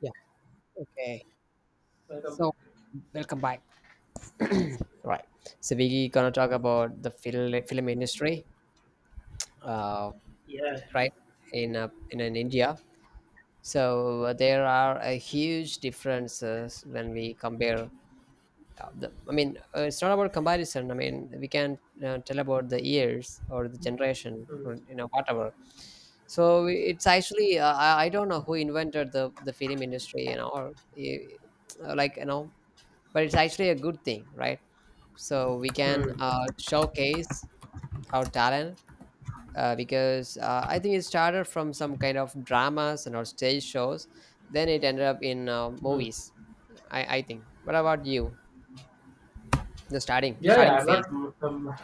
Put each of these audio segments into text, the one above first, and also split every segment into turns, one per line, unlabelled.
Yeah. Okay.
Welcome back.
So welcome back. Right. So we gonna talk about the film industry, uh,
Yeah.
right? In in India. So there are a huge differences when we compare. I mean, it's not about comparison. I mean, we can tell about the years or the generation
Mm.
or you know whatever. So it's actually I don't know who invented the film industry, you know, or uh, like you know, but it's actually a good thing, right? So we can
Mm.
showcase our talent because I think it started from some kind of dramas and or stage shows, then it ended up in
Mm.
movies. I think, what about you, the starting
Yeah, yeah,
starting
I'm
phase?
not I'm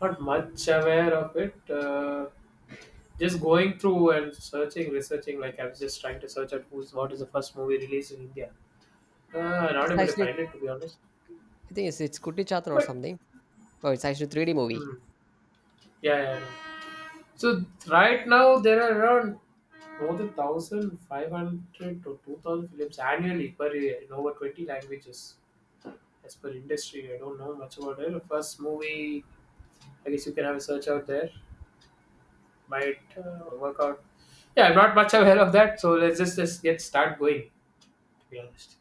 not much aware of it. Just going through and searching, researching. Like I was just trying to search out who's what is the first movie released in India. Uh, not
It's
able to
actually,
find it to be honest.
it's kutti chatran or
But
something. Oh, it's actually 3D movie.
Mm, yeah, yeah, yeah. So right now there are around more than 1,500 to 2,000 films annually per year in over 20 languages. As per industry, I don't know much about it. The first movie, I guess you can have a search out there. Might work out. Yeah, I'm not much aware of that, so let's just get start going. To be honest.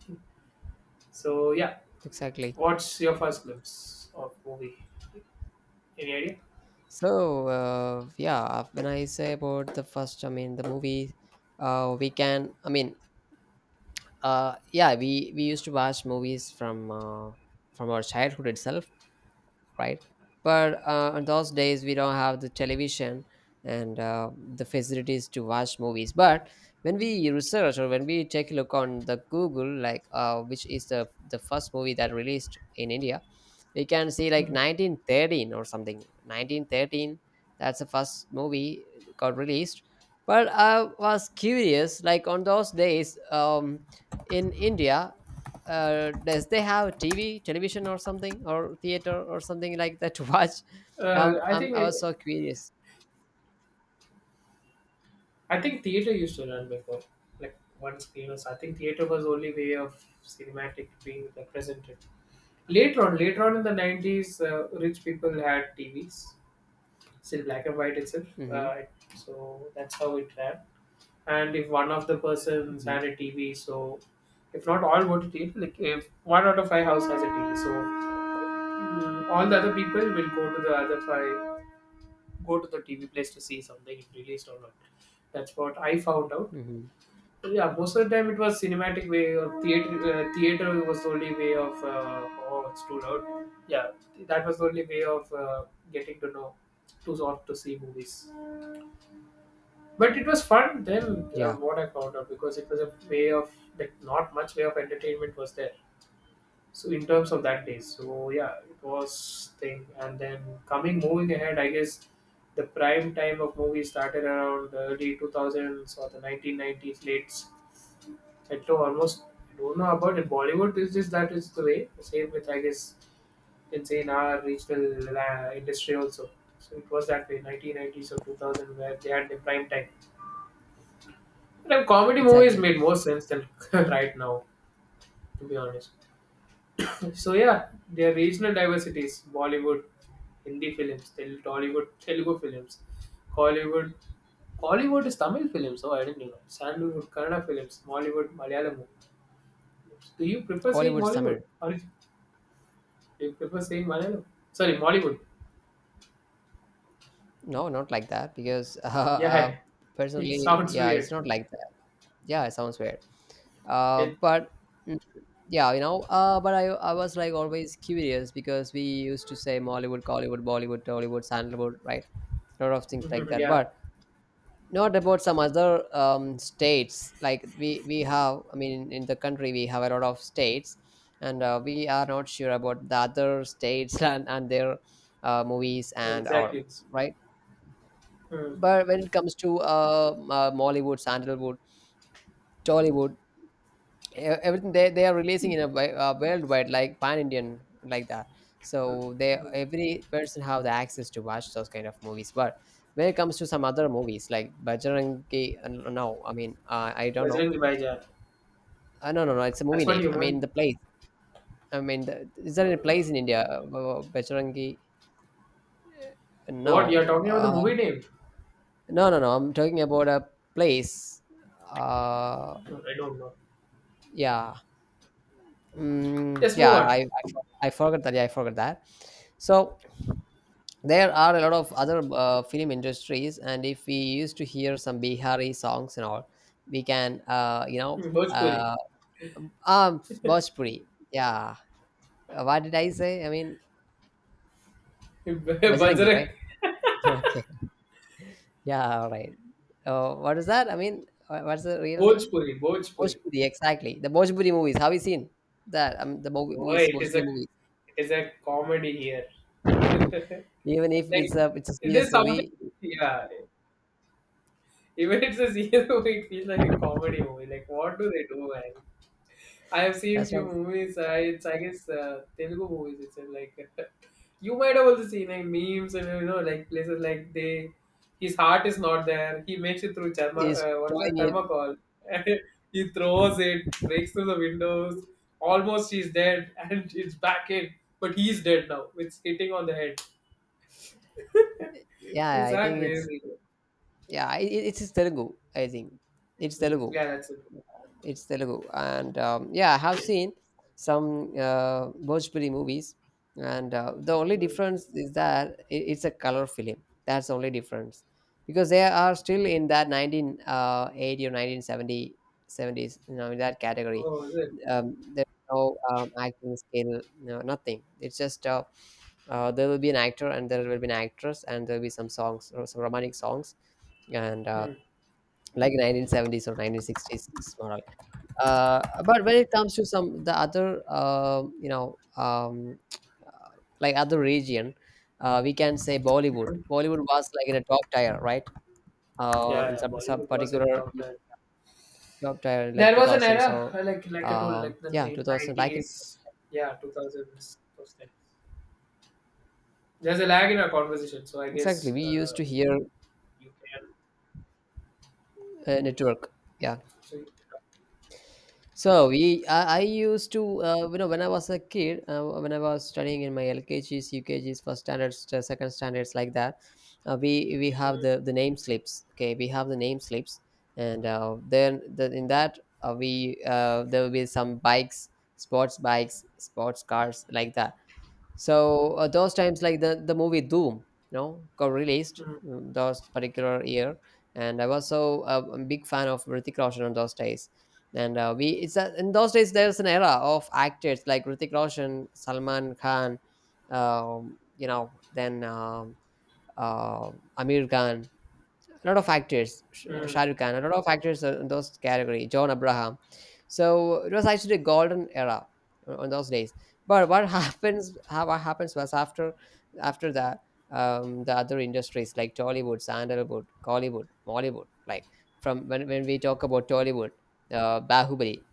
So yeah,
Exactly.
what's your first glimpse of movie? Any idea?
So yeah, when I say about the first, I mean the movie, we can I mean yeah, we used to watch movies from our childhood itself, right? But on those days, we don't have the television and the facilities to watch movies. But when we research or when we take a look on the Google, like which is the first movie that released in India, we can see like
Hmm.
1913 or something. 1913, that's the first movie got released. But I was curious, like on those days, in India, does they have TV, television, or something, or theater, or something like that to watch?
Uh, I think
I was
it,
so curious.
I think theater used to run before, like one screen or so. I think theater was only way of cinematic being represented. Later on in the 90s, rich people had TVs still black and white itself.
Hmm.
Uh, so that's how it ran. And if one of the persons
Hmm.
had a TV, so if not all go to TV, like if one out of five house has a TV, so all the other people will go to the other five, go to the TV place to see something if released or not. That's what I found out.
Hmm.
But yeah, most of the time it was cinematic way or theater. Theater was the only way of how it stood out. Yeah, that was the only way of getting to know to sort to see movies. But it was fun then,
Yeah,
what I found out, because it was a way of, like, not much way of entertainment was there. So in terms of that day, so yeah, it was thing. And then coming, moving ahead, I guess the prime time of movies started around the early 2000s or the 1990s, late. I don't know, almost, I don't know about in Bollywood, it's just that is the way. Same with, I guess, you can say in our regional industry also. So it was that way, 1990s or 2000, where they had the prime time. Like comedy movies
exactly.
made more sense than right now, to be honest. So yeah, there are regional diversities: Bollywood, Hindi films, Tollywood, Telugu films, Hollywood. Hollywood is Tamil films. Oh, I didn't know. Sandalwood, Kannada films, Mollywood, Malayalam. Do you prefer saying
Collywood
Mollywood
summer.
or do you prefer saying Malayalam? Sorry, Mollywood.
No, not like that because
Yeah, it
personally,
sounds
yeah,
weird.
it's not like that. Yeah, it sounds weird.
It,
But mm, yeah, you know. But I was like always curious because we used to say Mollywood, Collywood, Bollywood, Tollywood, Sandalwood, right? A lot of things like that,
yeah,
but not about some other states, like we have, I mean, in the country we have a lot of states, and we are not sure about the other states and their movies
no,
and or,
exactly.
right?
Hmm.
But when it comes to Mollywood, Sandalwood, Tollywood, everything, they are releasing in a worldwide, like pan Indian, like that.
Hmm.
So they,
Hmm.
every person have the access to watch those kind of movies. But when it comes to some other movies like Bajrangi, I mean, I don't know.
Bajrangi Bhaijaan.
No no no it's a
That's
movie
what
name.
you
I mean
want.
the place. I mean the, is there any place in India Bajrangi? No.
What you're talking about the
uh,
movie name?
no I'm talking about a place. Uh,
No, I don't know.
yeah.
Let's move
Yeah,
on.
I forgot that, yeah, I forgot that. So there are a lot of other film industries, and if we used to hear some Bihari songs and all, we can
Hmm, Bhojpuri,
uh, Bhojpuri. Yeah. What did I say? I mean, Bajrangi, right?
Bajrak,
Okay, yeah, all right. Uh, what is that? I mean, what's the real name?
Bhojpuri.
Bhojpuri, exactly, the Bhojpuri movies. Have you seen that? I mean the movie
Boy,
movies
it is a
Bhojpuri movies.
it is a comedy here.
Even if
Like
it's a it's a
it is
serious
something.
movie.
Yeah, even it's a serious movie, it feels like a comedy movie. Like what do they do, man? I have seen
That's
few
what
movies. I it's I guess Telugu movies itself. Like you might have also seen like memes and you know like places like they his heart is not there. He makes it through thermo
is
what's
drawing
that
it.
thermocol. And he throws it, breaks through the windows. Almost he's dead and it's back in, but he's dead now. It's hitting on the head.
Yeah,
These
I
are
think it's,
crazy.
yeah, it's Telugu, I think. It's
Mm.
Telugu.
Yeah, that's it.
Yeah, it's Telugu. And yeah, I have seen some Bhojpuri movies. And the only
Mm.
difference is that it's a color film. That's the only difference. Because they are still in that 1980 or 1970 seventies, you know, in that category.
Oh, is it?
Um, there's no acting skill, no, nothing. It's just there will be an actor and there will be an actress and there will be some songs or some romantic songs, and
Mm.
like 1970s or 1960s model. But when it comes to some the other, uh, like other region, we can say Bollywood.
Mhm.
Bollywood was like in a top tier, right?
Yeah,
In
yeah.
some
Bollywood was in a
particular
top 10.
top tier, like
There was an
2000s
era,
or
like I told, like the
yeah,
late
2000, back in,
nineties, yeah, two thousands, those things. There's a lag in our conversation, so I
exactly.
guess
We used to hear
you can.
network. Yeah.
So you
So we, I used to, you know, when I was a kid, when I was studying in my LKGs, UKGs, first standards, second standards, like that, we
can
have
talk.
the name slips. Okay, we have the name slips, and in that we there will be some bikes, sports cars, like that. So those times, like the movie Doom, you know, got released
Mm,
those particular year, and I was so a big fan of Hrithik Roshan on those days. And in those days there's an era of actors like Hrithik Roshan, Salman Khan, you know, then uh, Amir Khan, a lot of actors,
mm,
Shah Rukh Khan, a lot of actors are in those category, John Abraham. So it was actually a golden era on those days. But what happens? How what happens was, after that, the other industries like Tollywood, Sandalwood, Collywood, Mollywood, like from when we talk about Tollywood, Bahubali,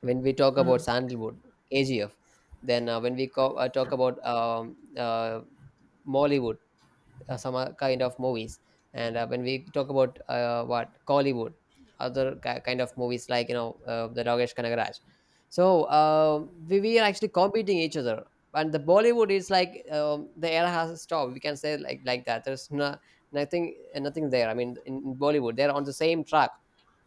when we talk
mm,
about
mm,
Sandalwood, AGF, then when talk about Mollywood, some kind of movies, and when we talk about what Collywood, other kind of movies like, you know, the Dogesh Kanagaraj. So, um, we are actually competing each other, and the Bollywood is like, the era has stopped, we can say, like that, there's no, nothing there, I mean, in Bollywood they're on the same track,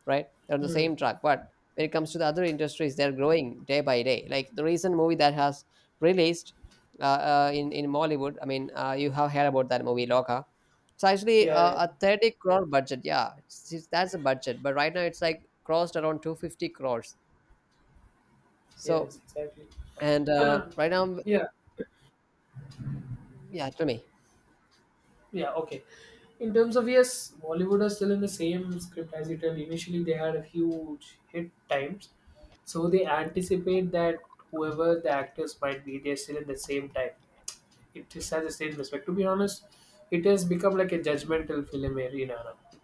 right, they're on the
mm.
same track. But when it comes to the other industries, they're growing day by day, like the recent movie that has released in Mollywood. I mean, you have heard about that movie Loka. It's actually
Yeah, yeah,
a 30 crore budget. Yeah, it's, that's a budget. But right now it's like crossed around 250 crores.
yes,
So,
exactly.
and
Um,
right now,
yeah,
yeah, tell me.
yeah, okay. In terms of yes, Bollywood are still in the same script as you tell. Initially, they had a huge hit times, so they anticipate that whoever the actors might be, they're still in the same time. It is has a state respect. To be honest, it has become like a judgmental film arena now.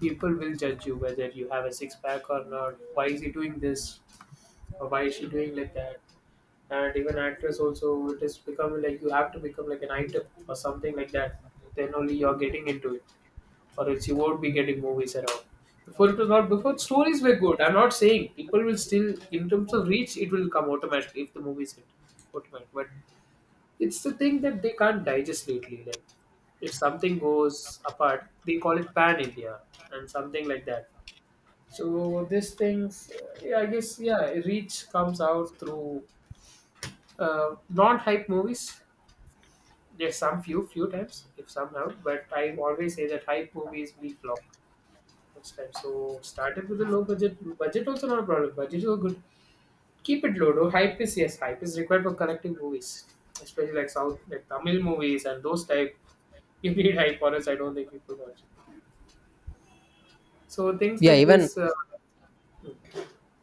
People will judge you whether you have a six pack or not. Why is he doing this? Or why is she doing like that? And even actress also, it is becoming like you have to become like an item or something like that. Then only you're getting into it, or else you won't be getting movies at all. Before it was not before stories were good. I'm not saying people will still in terms of reach it will come automatically if the movie is hit automatic. But it's the thing that they can't digest lately. Like, if something goes apart, they call it pan India and something like that. So this things, yeah, I guess, yeah, reach comes out through non-hype movies. There's some few times, if some have, but I always say that hype movies be flop most times. So started with a low budget. Budget also not a problem. Budget is a good Keep it low, though. Hype is yes, hype is required for collective movies, especially like South, like Tamil movies and those type. You need hype, or else I don't think people watch. So things
Yeah,
like
even
this.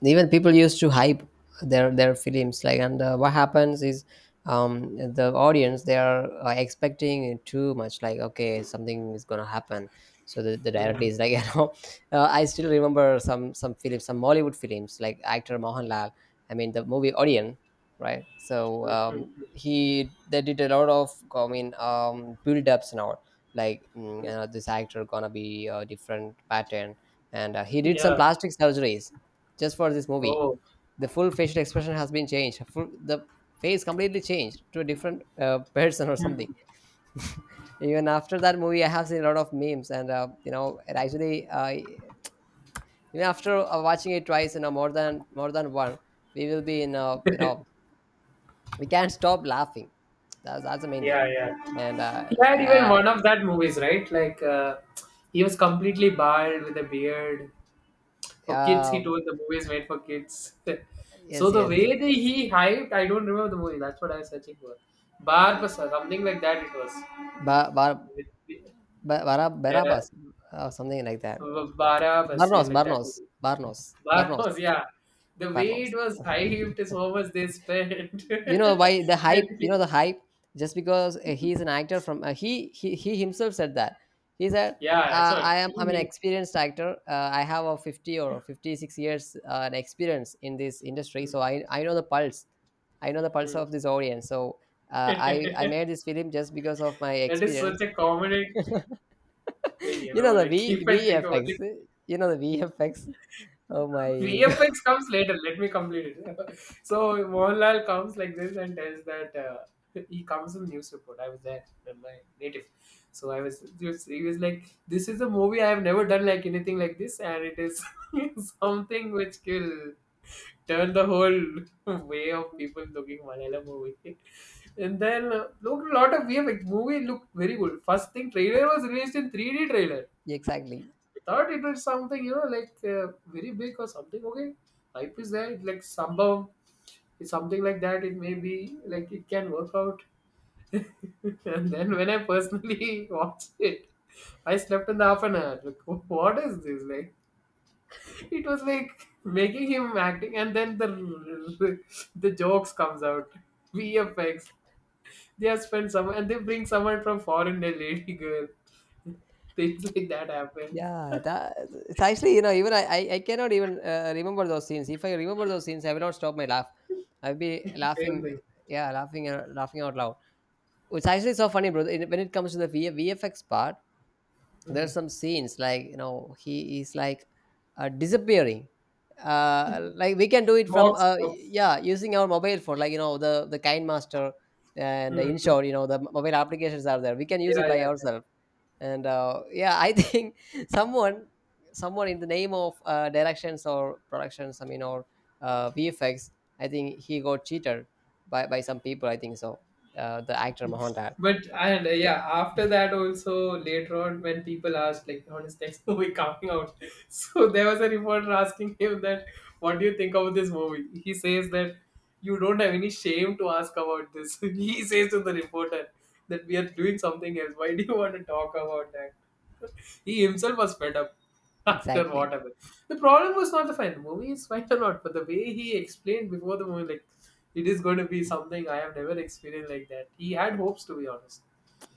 even people used to hype their films, like, and what happens is, um, the audience, they are expecting it too much, like okay, something is gonna happen, so the director
Mhm,
is like you know, I still remember some films, some Mollywood films, like actor Mohanlal. I mean the movie Orion, right? So, um,
mhm,
he, they did a lot of, I mean, um, build-ups now, like,
mhm.
you know, this actor gonna be a different pattern, and he did some
Yeah.
plastic surgeries just for this movie.
Oh.
The full facial expression has been changed. Full, the face completely changed to a different person or something.
Mhm.
Even after that movie, I have seen a lot of memes, and you know, it actually, even after watching it twice, you know, more than one, we will be in, we can't stop laughing. That's the main
Yeah,
thing. And
yeah. He had even
uh,
one of that movies, right? Like he was completely bald with a beard. For kids, he
uh,
told the movie is made for kids. So
yes,
the
yes,
way
yes.
that he hyped, I don't remember the movie. That's what I was searching for. Barb, something like that. It was.
Ba- Bar-
The
Barabas, something like that.
Barabas, yeah,
Barnos,
like that.
Barnos,
Only.
Barnos, Barnos,
Barabas, yeah. The way it
Barnos.
was hyped is how much they spent.
You know why the
And
hype, you
he-
know the hype, just because he is an actor from he himself said that, he said,
yeah, that's what
I'm an
he.
experienced actor, I have a 50 or 56 years an experience in this
he-
industry,
mm,
so I know the pulse, I know the pulse
mm.
of this audience. So I made this film just because of my
That is
experience.
such a common thing, you
You
know.
know the
Like,
v
if I think about
vfx,
it,
you know the vfx, oh my god.
VFX comes later. Let me complete it. So Mohanlal comes like this and tells that he comes in news report. I was there, in my native. So I was just he was like, "This is a movie I have never done like anything like this, and it is something which will turn the whole way of people looking Malayalam movie." And then look, a lot of VFX movie looked very good. First thing, trailer was released in 3D trailer.
Exactly.
I thought it was something you know like very big or something okay life is there it like somehow it's something like that it may be like it can work out. And then when I personally watched it I slept in the half an hour like what is this like it was like making him acting and then the the jokes comes out vfx they have spent some and they bring someone from foreign a lady girl. Things like that happen
Yeah, that, it's actually, you know, even I cannot even remember those scenes. If I remember those scenes, I will not stop my laugh. I'll be
same
laughing,
thing.
yeah, laughing and laughing out loud. It's actually so funny, bro. When it comes to the VFX part, there's
Mm.
some scenes, like, you know, he is like disappearing. Like we can do it from
Mocks
uh,
mocks.
yeah, using our mobile phone, like, you know, the kind master and the
Mm-hmm.
inshore, you know, the mobile applications are there, we can use it
Yeah, yeah.
by
Yeah.
ourselves. And yeah, I think someone, someone in the name of directions or productions, I mean, or vfx, I think he got cheated by some people, I think so, the actor Mohanlal.
But and yeah, after that also later on when people asked like on his next movie coming out, so there was a reporter asking him that what do you think of this movie? He says that you don't have any shame to ask about this. He says to the reporter that we are doing something else. Why do you want to talk about that? He himself was fed up after what
Exactly.
happened. The problem was not the fight. The movie is fine or not, but the way he explained before the movie, like it is going to be something I have never experienced like that. He had hopes to be honest.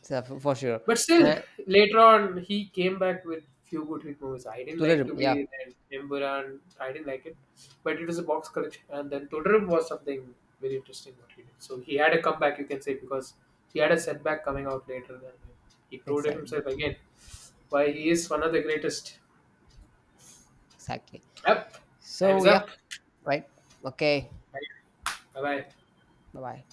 So for sure.
But still,
Uh,
later on, he came back with few good hit movies. I didn't like
തുടരും.
to
Yeah.
be that Imburan. I didn't like it, but it was a box collection. And then Todorim was something very interesting what he did. So he had a comeback, you can say, because he had a setback coming out later. And he proved
Exactly.
himself again. Why he is one of the greatest.
Exactly.
Up, time
So
is
yeah.
up.
Right. Okay.
Bye bye.
Bye bye.